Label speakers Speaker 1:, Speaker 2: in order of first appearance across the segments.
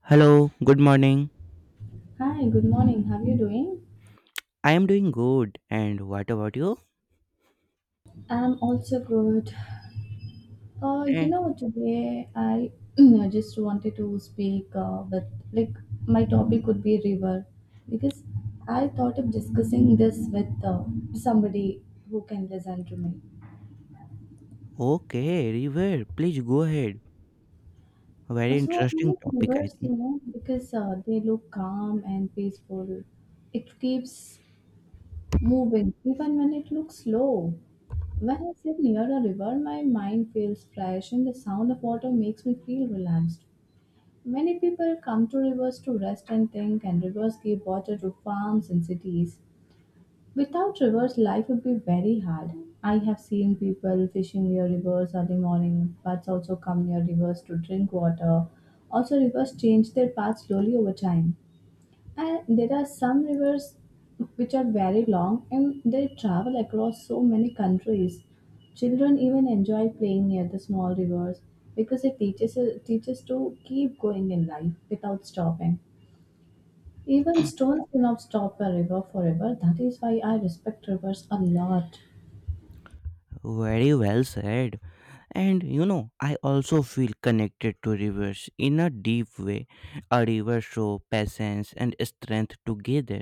Speaker 1: Hello, good morning.
Speaker 2: Hi, good morning. How are you doing?
Speaker 1: I am doing good. And what about you?
Speaker 2: I'm also good.
Speaker 1: Eh,
Speaker 2: Today I I just wanted to speak with like my topic would be river because I thought of discussing this with somebody who can listen to me.
Speaker 1: okay, River, please go ahead. Very
Speaker 2: So I
Speaker 1: interesting
Speaker 2: like
Speaker 1: topic, I
Speaker 2: rivers,
Speaker 1: think.
Speaker 2: because they look calm and peaceful. It keeps moving even when it looks slow. When I sit near a river, my mind feels fresh and the sound of water makes me feel relaxed. Many people come to rivers to rest and think, and rivers give water to farms and cities. Without rivers, life would be very hard. I have seen people fishing near rivers early morning, but also come near rivers to drink water. Also, rivers change their path slowly over time. And there are some rivers which are very long and they travel across so many countries. Children even enjoy playing near the small rivers because it teaches to keep going in life without stopping. Even stones cannot stop a river forever. That is why I respect rivers a lot.
Speaker 1: Very well said. And you know, I also feel connected to rivers in a deep way. A river show patience and strength together,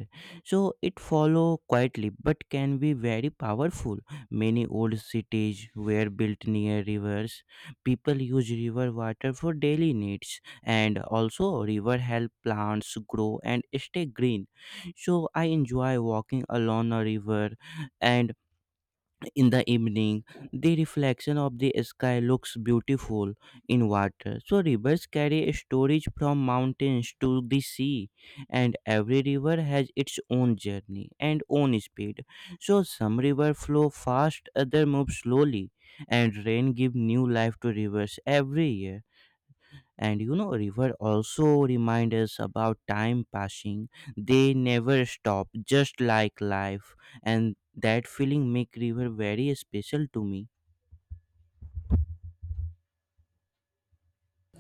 Speaker 1: so it follow quietly but can be very powerful. Many old cities were built near rivers. People use river water for daily needs, and also river help plants grow and stay green. So I enjoy walking along a river, and in the evening the reflection of the sky looks beautiful in water. So rivers carry storage from mountains to the sea, and every river has its own journey and own speed. So some river flow fast, other move slowly, and rain give new life to rivers every year. And you know, river also remind us about time passing. They never stop, just like life, and that feeling make river very special to me.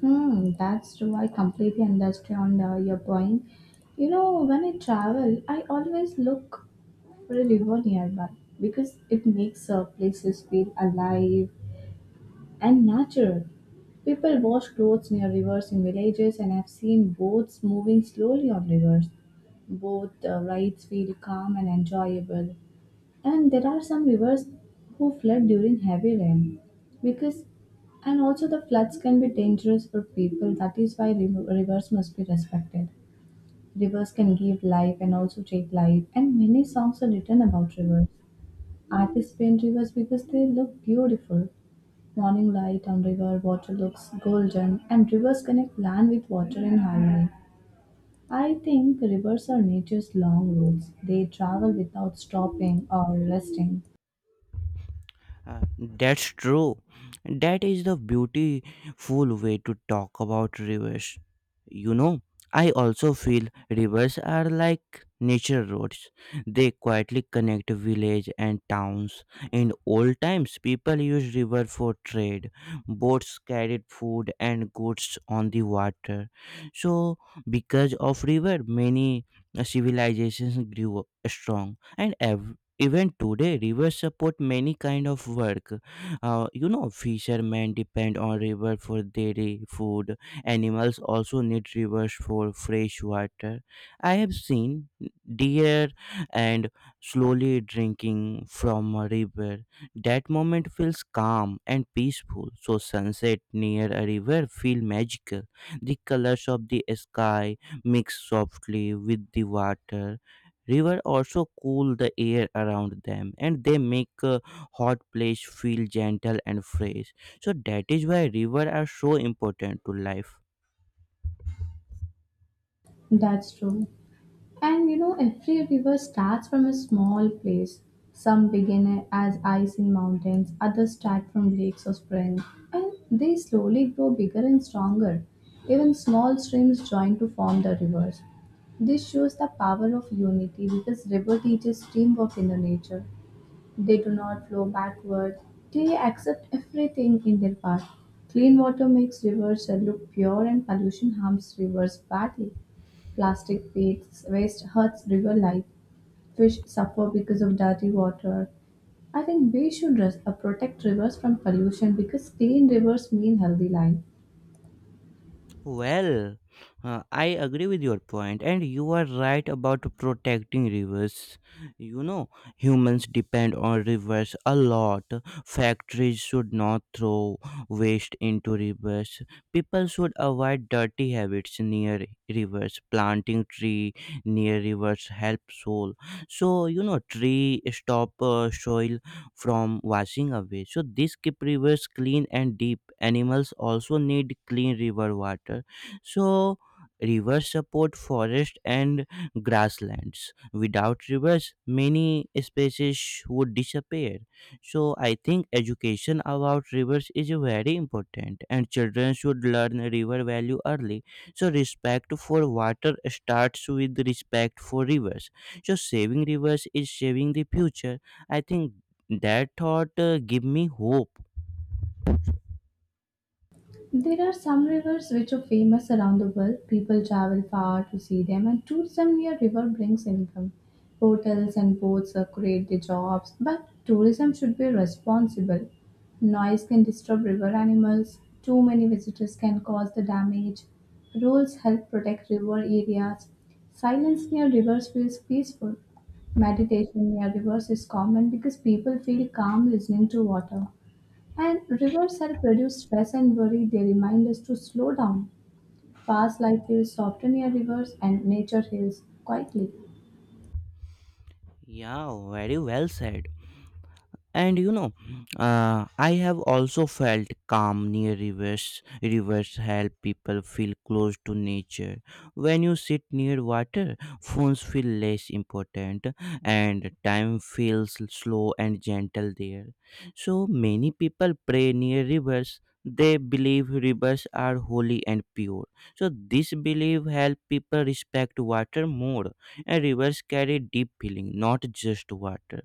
Speaker 2: Hmm, that's true. I completely understand your point. You know, when I travel, I always look for a river nearby because it makes places feel alive and natural. People wash clothes near rivers in villages, and I've seen boats moving slowly on rivers. Both rides feel calm and enjoyable. And there are some rivers who flood during heavy rain because and also the floods can be dangerous for people. That is why rivers must be respected. Rivers can give life and also take life, and many songs are written about rivers. Artists paint rivers because they look beautiful. Morning light on river water looks golden, and rivers connect land with water in harmony. I think rivers are nature's long roads. They travel without stopping or resting.
Speaker 1: That's true. That is the beautiful way to talk about rivers. You know, I also feel rivers are like nature roads. They quietly connect village and towns. In old times, people used river for trade. Boats carried food and goods on the water. So because of river, many civilizations grew strong, and even today, rivers support many kind of work. You know, fishermen depend on river for dairy food. Animals also need rivers for fresh water. I have seen deer and slowly drinking from a river. That moment feels calm and peaceful. So sunset near a river feel magical. The colors of the sky mix softly with the water. River also cool the air around them, and they make a hot place feel gentle and fresh. So that is why river are so important to life.
Speaker 2: That's true. And you know, every river starts from a small place. Some begin as ice in mountains, others start from lakes or springs, and they slowly grow bigger and stronger. Even small streams join to form the rivers. This shows the power of unity because river teaches teamwork in the nature. They do not flow backward. They accept everything in their path. Clean water makes rivers look pure and pollution harms rivers badly. Plastic waste hurts river life. Fish suffer because of dirty water. I think we should protect rivers from pollution because clean rivers mean healthy life.
Speaker 1: Well, I agree with your point, and you are right about protecting rivers. You know, humans depend on rivers a lot. Factories should not throw waste into rivers. People should avoid dirty habits near rivers. Planting tree near rivers help soil. So you know, tree stop soil from washing away. So this keep rivers clean and deep. Animals also need clean river water. So rivers support forest and grasslands. Without rivers, many species would disappear. So I think education about rivers is very important, and children should learn river value early. So respect for water starts with respect for rivers. So saving rivers is saving the future. I think that thought give me hope.
Speaker 2: There are some rivers which are famous around the world. People travel far to see them, and tourism near river brings income. Hotels and boats create the jobs, but tourism should be responsible. Noise can disturb river animals. Too many visitors can cause the damage. Rules help protect river areas. Silence near rivers feels peaceful. Meditation near rivers is common because people feel calm listening to water. And rivers are produced stress and worry. They remind us to slow down. Fast life feels softer near rivers, and nature heals quietly.
Speaker 1: Yeah, very well said. And you know, I have also felt calm near rivers. Rivers help people feel close to nature. When you sit near water, phones feel less important, and time feels slow and gentle there. So many people pray near rivers. They believe rivers are holy and pure, so this belief help people respect water more. And rivers carry deep feeling, not just water.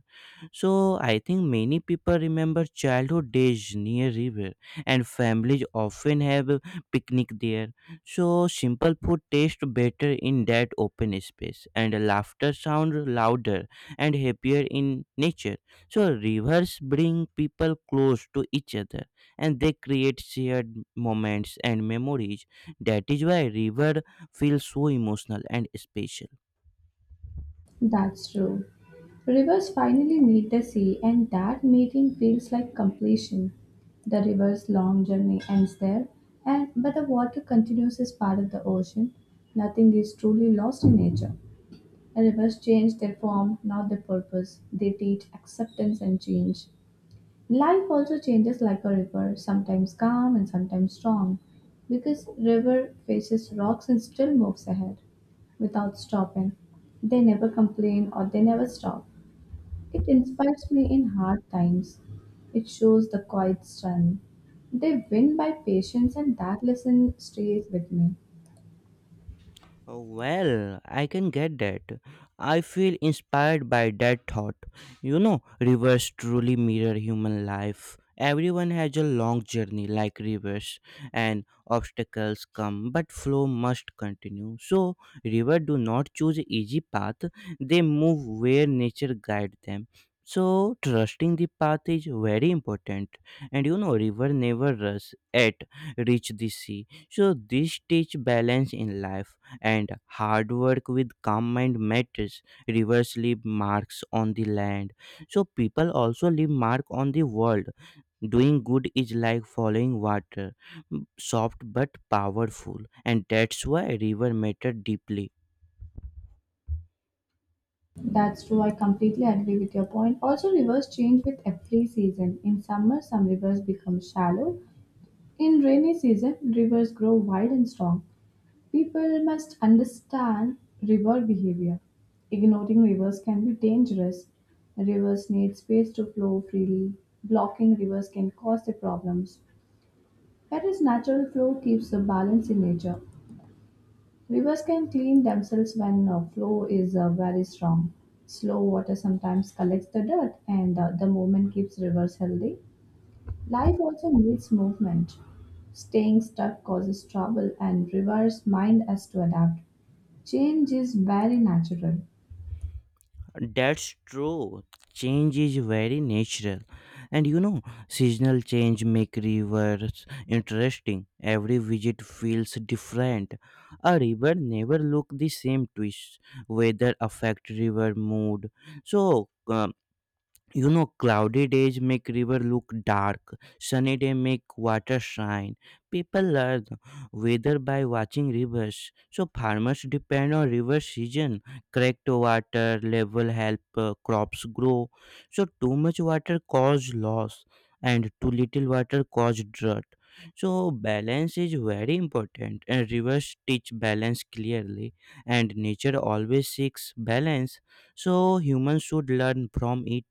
Speaker 1: So I think many people remember childhood days near river, and families often have a picnic there. So simple food tastes better in that open space, and laughter sound louder and happier in nature. So rivers bring people close to each other, and they create shared moments and memories. That is why river feels so emotional and special.
Speaker 2: That's true. Rivers finally meet the sea, and that meeting feels like completion. The river's long journey ends there, and but the water continues as part of the ocean. Nothing is truly lost in nature. The rivers change their form, not their purpose. They teach acceptance and change. Life also changes like a river, sometimes calm and sometimes strong, because river faces rocks and still moves ahead without stopping. They never complain or they never stop. It inspires me in hard times. It shows the quiet strength. They win by patience, and that lesson stays with me.
Speaker 1: Oh, well, I can get that. I feel inspired by that thought. You know, rivers truly mirror human life. Everyone has a long journey like rivers, and obstacles come, but flow must continue. So rivers do not choose easy path; they move where nature guides them. So trusting the path is very important. And you know, river never rush at reach the sea. So this teach balance in life, and hard work with calm mind matters. Rivers leave marks on the land. So people also leave mark on the world. Doing good is like following water, soft but powerful, and that's why river matter deeply.
Speaker 2: That's true. I completely agree with your point. Also, rivers change with every season. In summer, some rivers become shallow. In rainy season, rivers grow wide and strong. People must understand river behavior. Ignoring rivers can be dangerous. Rivers need space to flow freely. Blocking rivers can cause the problems. Whereas natural flow keeps the balance in nature. Rivers can clean themselves when flow is very strong. Slow water sometimes collects the dirt, and the movement keeps rivers healthy. Life also needs movement. Staying stuck causes trouble, and reverse mind has to adapt. Change is very natural.
Speaker 1: That's true. Change is very natural. And you know, seasonal change make rivers interesting. Every visit feels different. A river never look the same twist. Weather affect river mood. So you know, cloudy days make river look dark, sunny day make water shine. People learn weather by watching rivers. So farmers depend on river season. Correct water level help crops grow. So too much water cause loss, and too little water cause drought. So balance is very important, and rivers teach balance clearly. And nature always seeks balance, so humans should learn from it.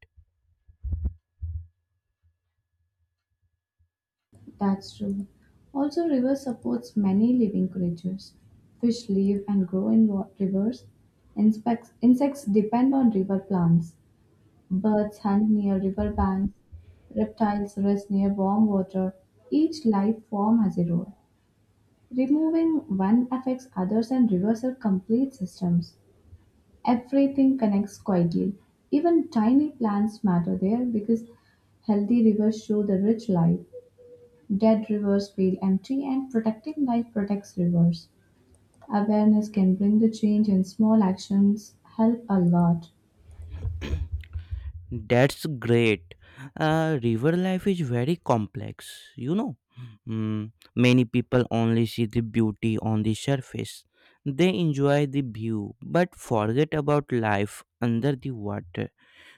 Speaker 2: That's true. Also, river supports many living creatures. Fish live and grow in rivers. Insects depend on river plants. Birds hunt near river banks. Reptiles rest near warm water. Each life form has a role. Removing one affects others, and rivers are complete systems. Everything connects quietly. Even tiny plants matter there because healthy rivers show the rich life. Dead rivers feel empty, and protecting life protects rivers. Awareness can bring the change, and small actions help a lot.
Speaker 1: That's great. River life is very complex, you know. Mm, many people only see the beauty on the surface. They enjoy the view but forget about life under the water.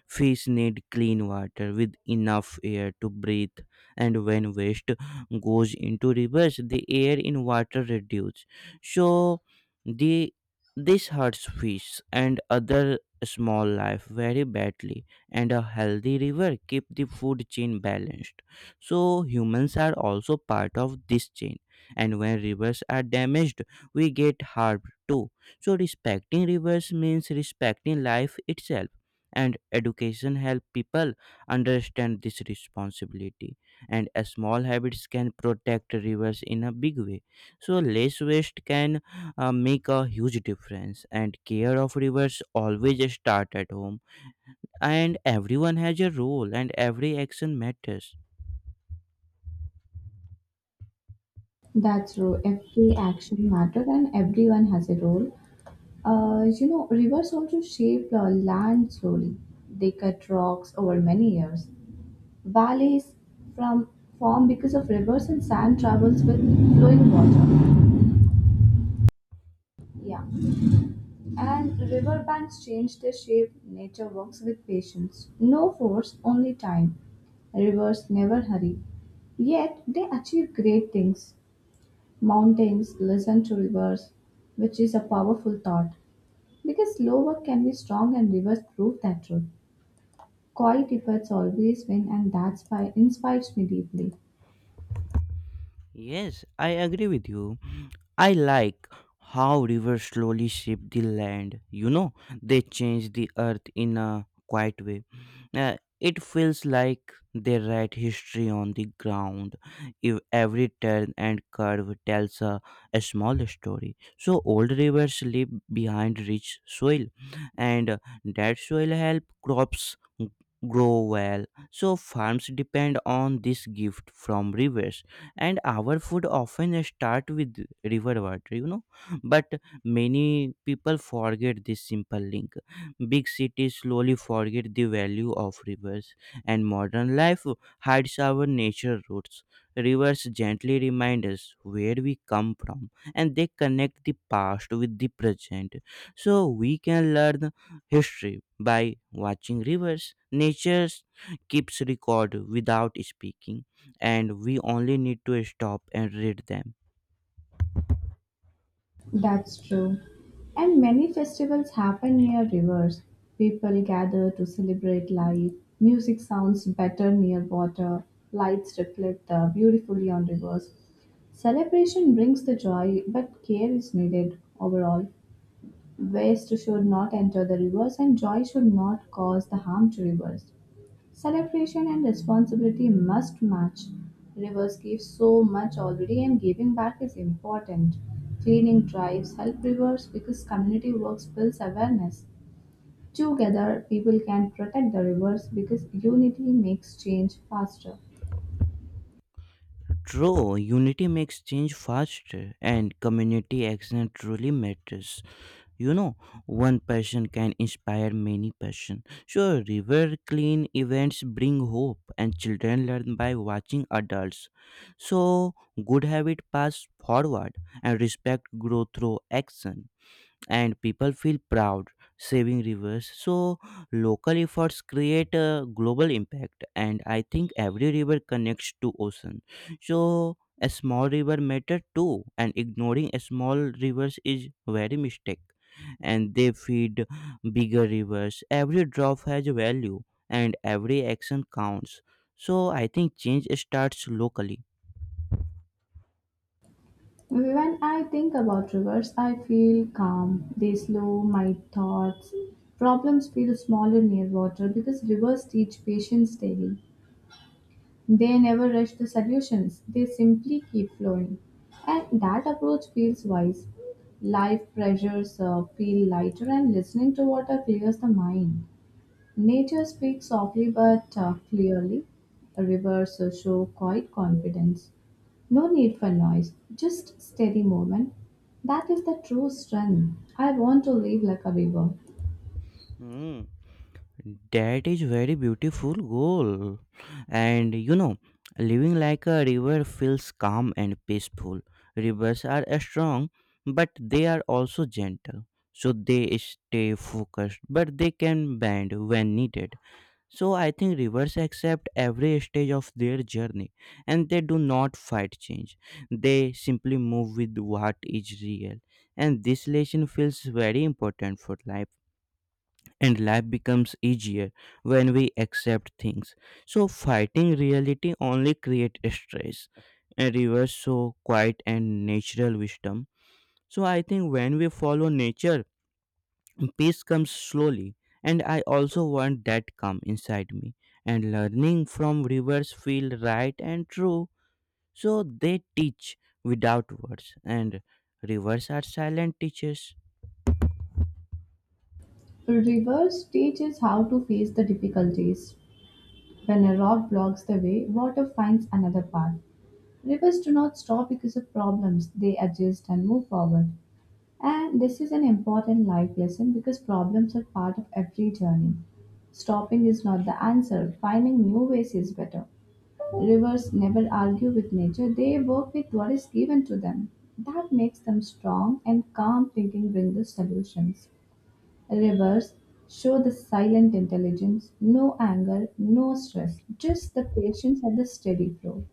Speaker 1: Fish need clean water with enough air to breathe, and when waste goes into rivers, the air in water reduces. So, the this hurts fish and other small life very badly. And a healthy river keep the food chain balanced, so humans are also part of this chain. And when rivers are damaged, we get harmed too. So respecting rivers means respecting life itself, and education help people understand this responsibility. And a small habits can protect rivers in a big way. So less waste can make a huge difference, and care of rivers always start at home. And everyone has a role, and every action matters.
Speaker 2: That's true. Every action matters, and everyone has a role. Rivers also shape the land slowly. They cut rocks over many years. Valleys from Form because of rivers, and sand travels with flowing water. Yeah, and riverbanks change their shape. Nature works with patience. No force, only time. Rivers never hurry. Yet they achieve great things. Mountains listen to rivers, which is a powerful thought. Because slow work can be strong and rivers prove that truth. Quiet efforts always win, and that inspires me deeply.
Speaker 1: Yes, I agree with you. I like how rivers slowly shape the land. You know, they change the earth in a quiet way. It feels like they write history on the ground, if every turn and curve tells a small story. So old rivers leave behind rich soil, and that soil help crops grow well. So farms depend on this gift from rivers, and our food often start with river water, you know. But many people forget this simple link. Big cities slowly forget the value of rivers, and modern life hides our nature roots. Rivers gently remind us where we come from, and they connect the past with the present. So we can learn history by watching rivers. Nature keeps record without speaking, and we only need to stop and read them.
Speaker 2: That's true. And many festivals happen near rivers. People gather to celebrate life. Music sounds better near water. Lights reflect beautifully on rivers. Celebration brings the joy, but care is needed overall. Waste should not enter the rivers, and joy should not cause the harm to rivers. Celebration and responsibility must match. Rivers give so much already, and giving back is important. Cleaning drives help rivers because community works builds awareness. Together, people can protect the rivers because unity makes change faster.
Speaker 1: True, unity makes change faster, and community action truly matters. You know, one person can inspire many person. Sure, river clean events bring hope, and children learn by watching adults. So good habit pass forward, and respect grow through action. And people feel proud saving rivers. So local efforts create a global impact, and I think every river connects to ocean. So a small river matter too, and ignoring a small rivers is very mistake. And they feed bigger rivers. Every drop has value, and every action counts. So I think change starts locally.
Speaker 2: When I think about rivers, I feel calm. They slow my thoughts. Problems feel smaller near water because rivers teach patience daily. They never rush the solutions, they simply keep flowing. And that approach feels wise. Life pressures feel lighter, and listening to water clears the mind. Nature speaks softly but clearly. Rivers show quiet confidence. No need for noise, just steady movement. That is the true strength. I want to live like a river.
Speaker 1: Hmm. That is very beautiful goal. And you know, living like a river feels calm and peaceful. Rivers are strong, but they are also gentle. So they stay focused, but they can bend when needed. So I think rivers accept every stage of their journey, and they do not fight change. They simply move with what is real. And this lesson feels very important for life, and life becomes easier when we accept things. So fighting reality only creates stress and reverse, so quiet and natural wisdom. So I think when we follow nature, peace comes slowly. And I also want that calm inside me. And learning from rivers feel right and true. So they teach without words. And rivers are silent teachers.
Speaker 2: Rivers teach us how to face the difficulties. When a rock blocks the way, water finds another path. Rivers do not stop because of problems, they adjust and move forward. And this is an important life lesson because problems are part of every journey. Stopping is not the answer, finding new ways is better. Rivers never argue with nature, they work with what is given to them. That makes them strong, and calm thinking brings the solutions. Rivers show the silent intelligence, no anger, no stress, just the patience and the steady flow.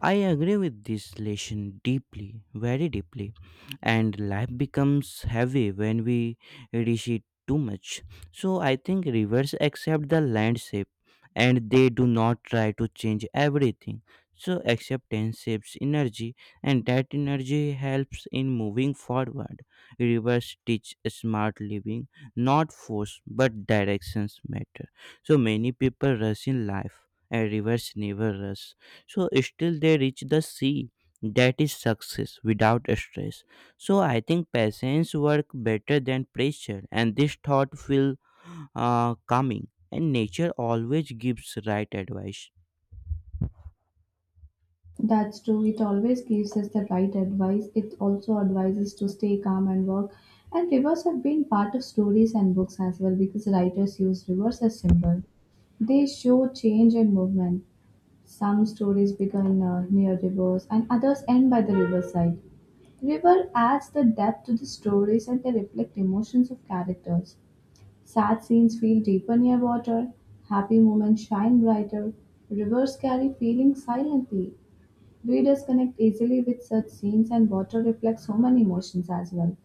Speaker 1: I agree with this lesson deeply, very deeply. And life becomes heavy when we reach it too much. So I think rivers accept the landscape, and they do not try to change everything. So acceptance saves energy, and that energy helps in moving forward. Rivers teach smart living, not force but directions matter. So many people rush in life, and rivers never rush, so still they reach the sea. That is success without stress. So I think patience work better than pressure, and this thought feel calming. And nature always gives right advice.
Speaker 2: That's true. It always gives us the right advice. It also advises to stay calm and work. And rivers have been part of stories and books as well because writers use rivers as symbol. They show change and movement. Some stories begin near rivers and others end by the riverside. River adds the depth to the stories, and they reflect emotions of characters. Sad scenes feel deeper near water, happy moments shine brighter, rivers carry feelings silently. Readers connect easily with such scenes, and water reflects human emotions as well.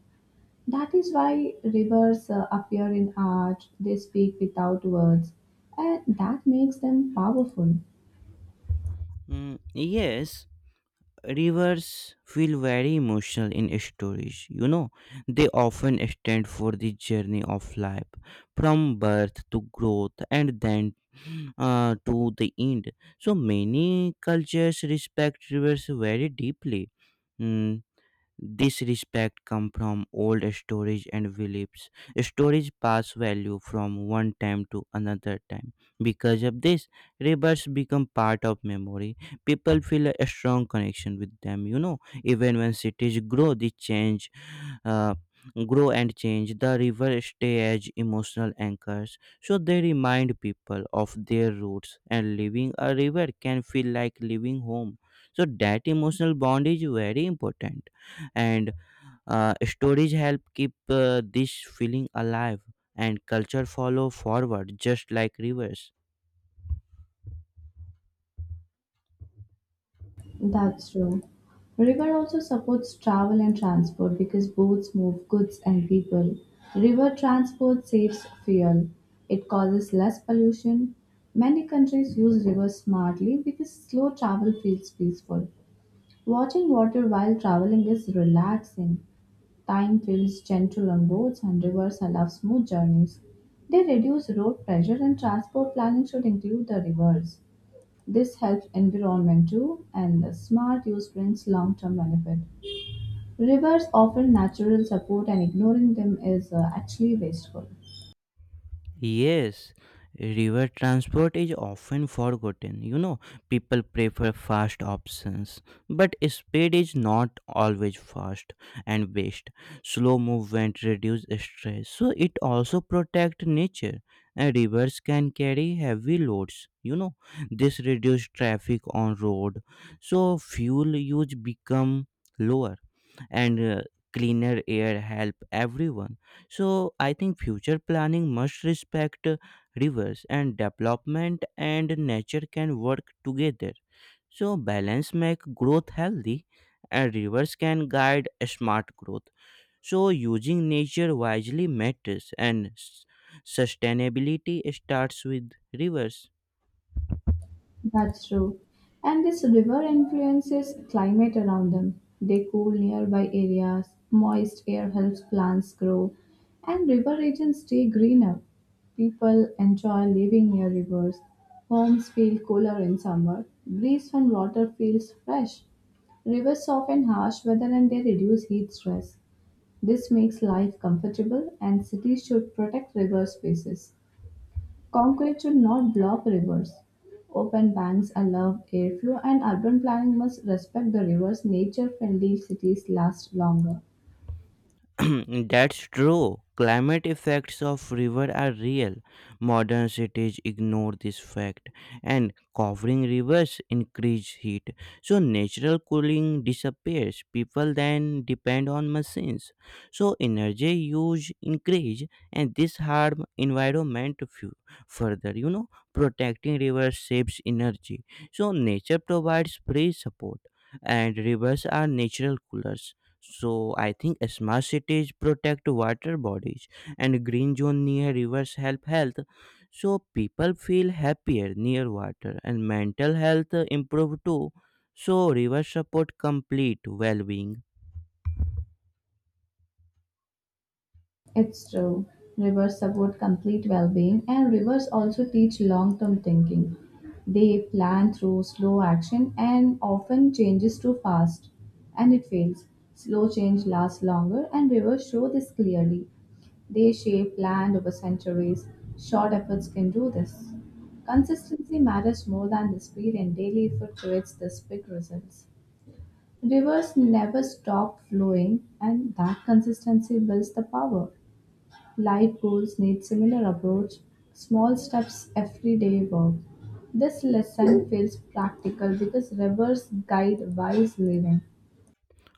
Speaker 2: That is why rivers appear in art, they speak without words, and that makes them powerful.
Speaker 1: Mm, yes, rivers feel very emotional in stories, you know. They often stand for the journey of life, from birth to growth and then to the end. So many cultures respect rivers very deeply. Hmm, this respect comes from old stories and beliefs. Stories pass value from one time to another time. Because of this, rivers become part of memory. People feel a strong connection with them. You know, even when cities grow, they change, uh, grow and change. The river stay as emotional anchors, so they remind people of their roots. And living a river can feel like living home. So that emotional bond is very important, and stories help keep this feeling alive, and culture follow forward just like rivers.
Speaker 2: That's true. River also supports travel and transport because boats move goods and people. River transport saves fuel. It causes less pollution. Many countries use rivers smartly because slow travel feels peaceful. Watching water while traveling is relaxing. Time feels gentle on boats, and rivers allow smooth journeys. They reduce road pressure, and transport planning should include the rivers. This helps environment too, and the smart use brings long-term benefit. Rivers offer natural support, and ignoring them is actually wasteful.
Speaker 1: Yes, river transport is often forgotten. You know, people prefer fast options, but speed is not always fast and best. Slow movement reduce stress, so it also protect nature. And rivers can carry heavy loads. You know, this reduce traffic on road, so fuel use become lower and cleaner air help everyone. So I think future planning must respect rivers, and development and nature can work together. So balance make growth healthy, and rivers can guide a smart growth. So using nature wisely matters, and sustainability starts with rivers.
Speaker 2: That's true. And this river influences climate around them. They cool nearby areas, moist air helps plants grow, and river regions stay greener. People enjoy living near rivers. Homes feel cooler in summer. Breeze from water feels fresh. Rivers soften harsh weather and they reduce heat stress. This makes life comfortable, and cities should protect river spaces. Concrete should not block rivers. Open banks allow airflow, and urban planning must respect the river's nature-friendly cities last longer.
Speaker 1: That's true. Climate effects of river are real. Modern cities ignore this fact, and covering rivers increase heat. So natural cooling disappears. People then depend on machines. So energy use increase, and this harm environment further. You know, protecting rivers saves energy. So nature provides free support, and rivers are natural coolers. So I think smart cities protect water bodies, and green zone near rivers help health. So people feel happier near water, and mental health improve too. So rivers support complete well-being.
Speaker 2: It's true. Rivers support complete well being, and rivers also teach long term thinking. They plan through slow action, and often changes too fast, and it fails. Slow change lasts longer, and rivers show this clearly. They shape land over centuries. Short efforts can do this. Consistency matters more than the speed, and daily effort creates this big results. Rivers never stop flowing, and that consistency builds the power. Life goals need similar approach, small steps everyday work. This lesson feels practical because rivers guide wise living.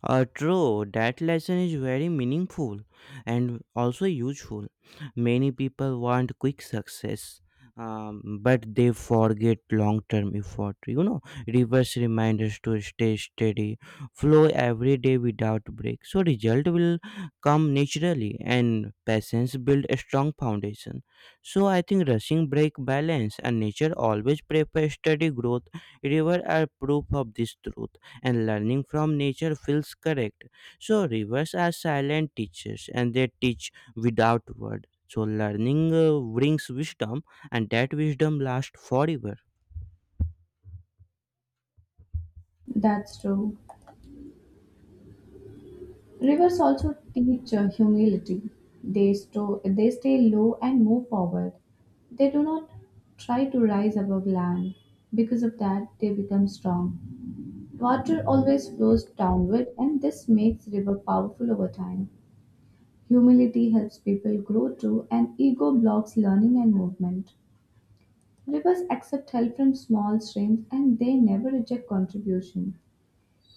Speaker 1: True, that lesson is very meaningful and also useful. Many people want quick success, but they forget long term effort. You know, reverse reminders to stay steady, flow every day without break. So result will come naturally, and patience build a strong foundation. So I think rushing break balance, and nature always prefers steady growth. River are proof of this truth, and learning from nature feels correct. So rivers are silent teachers, and they teach without word. So learning brings wisdom, and that wisdom lasts forever.
Speaker 2: That's true. Rivers also teach humility. They stay low and move forward. They do not try to rise above land. Because of that, they become strong. Water always flows downward, and this makes river powerful over time. Humility helps people grow too, and ego blocks learning and movement. Rivers accept help from small streams, and they never reject contribution.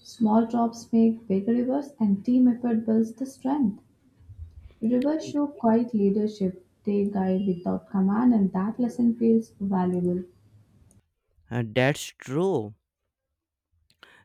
Speaker 2: Small drops make big rivers, and team effort builds the strength. Rivers show quiet leadership, they guide without command, and that lesson feels valuable.
Speaker 1: And that's true.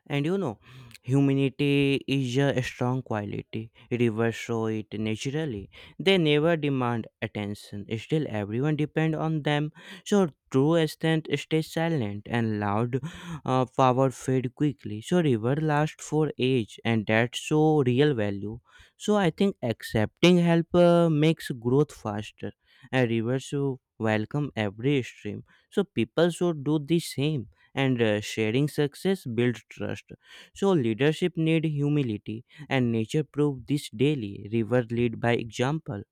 Speaker 1: And you know, humanity is a strong quality. Rivers show it naturally. They never demand attention. Still, everyone depend on them. So true strength stays silent and loud. Power fade quickly. So river lasts for age, and that's so real value. So I think accepting help makes growth faster. And rivers welcome every stream. So people should do the same, and sharing success builds trust. So leadership need humility, and nature prove this daily. River lead by example.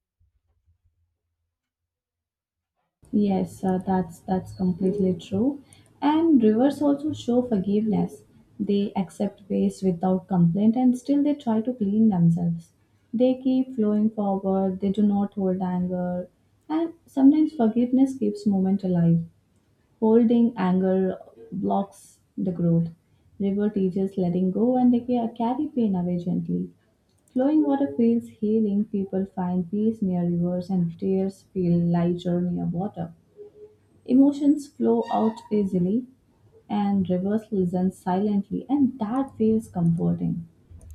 Speaker 2: Yes, that's completely true. And rivers also show forgiveness. They accept waste without complaint and still they try to clean themselves. They keep flowing forward, they do not hold anger. And sometimes forgiveness keeps movement alive. Holding anger blocks the growth. River teaches letting go, and they carry pain away gently. Flowing water feels healing, people find peace near rivers, and tears feel lighter near water. Emotions flow out easily, and rivers listen silently, and that feels comforting.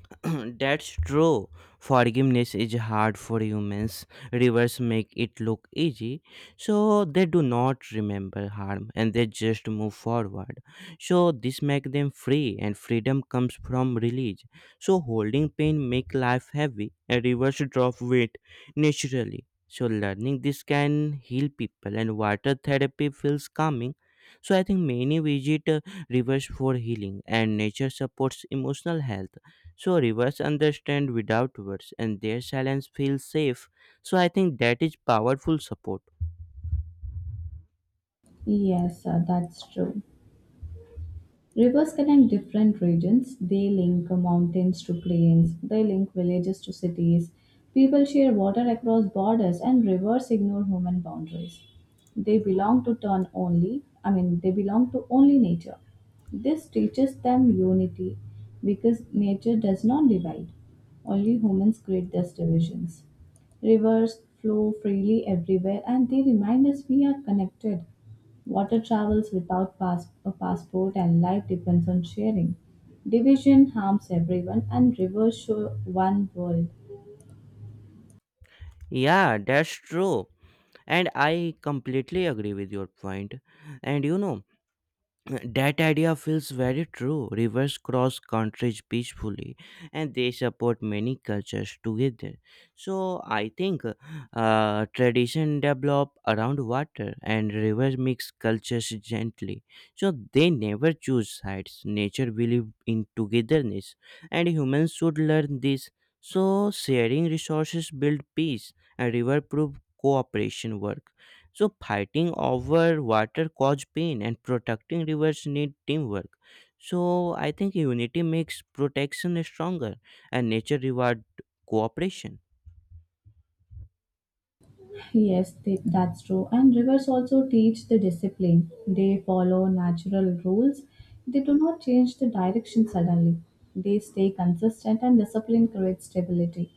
Speaker 1: That's true. Forgiveness is hard for humans. Rivers make it look easy, so they do not remember harm, and they just move forward. So this makes them free, and freedom comes from release. So holding pain make life heavy, and rivers drop weight naturally. So learning this can heal people, and water therapy feels calming. So I think many visit rivers for healing, and nature supports emotional health. So rivers understand without words, and their silence feels safe. So I think that is powerful support.
Speaker 2: Yes, that's true. Rivers connect different regions. They link mountains to plains, they link villages to cities. People share water across borders, and rivers ignore human boundaries. They belong to turn only, I mean, they belong to only nature. This teaches them unity because nature does not divide, only humans create these divisions. Rivers flow freely everywhere, and they remind us we are connected. Water travels without a passport, and life depends on sharing. Division harms everyone and rivers show one world.
Speaker 1: Yeah, that's true. And I completely agree with your point. And you know, that idea feels very true. Rivers cross countries peacefully, and they support many cultures together. So I think tradition develop around water, and rivers mix cultures gently. So they never choose sides. Nature believes in togetherness, and humans should learn this. So sharing resources build peace, and river proof cooperation work. So fighting over water caused pain, and protecting rivers need teamwork. So I think unity makes protection stronger, and nature reward cooperation.
Speaker 2: Yes, that's true. And rivers also teach the discipline. They follow natural rules. They do not change the direction suddenly. They stay consistent, and discipline creates stability.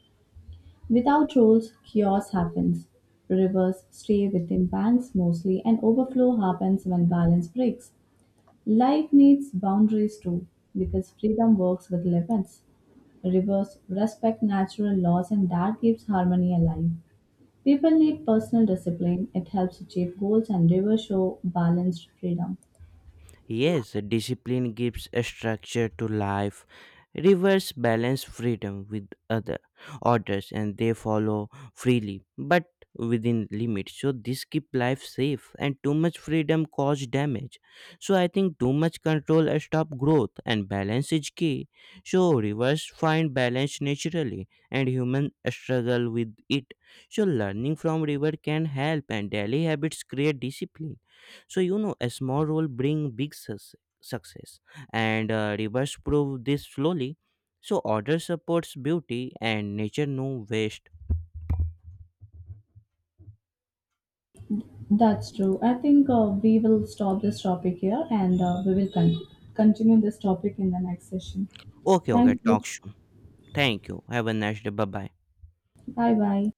Speaker 2: Without rules, chaos happens. Rivers stay within banks mostly, and overflow happens when balance breaks. Life needs boundaries too, because freedom works with limits. Rivers respect natural laws, and that keeps harmony alive. People need personal discipline, it helps achieve goals, and rivers show balanced freedom.
Speaker 1: Yes, discipline gives a structure to life. Rivers balance freedom with other orders, and they follow freely but within limits. So this keep life safe, and too much freedom cause damage. So I think too much control stop growth, and balance is key. So rivers find balance naturally, and human struggle with it. So learning from river can help, and daily habits create discipline. So you know, a small role bring big success, and reverse prove this slowly. So order supports beauty, and nature no waste.
Speaker 2: That's true. I think we will stop this topic here, and we will continue this topic in the next session.
Speaker 1: Okay, okay,
Speaker 2: Thank you.
Speaker 1: talk soon. Thank you, have a nice day. Bye bye.
Speaker 2: Bye bye.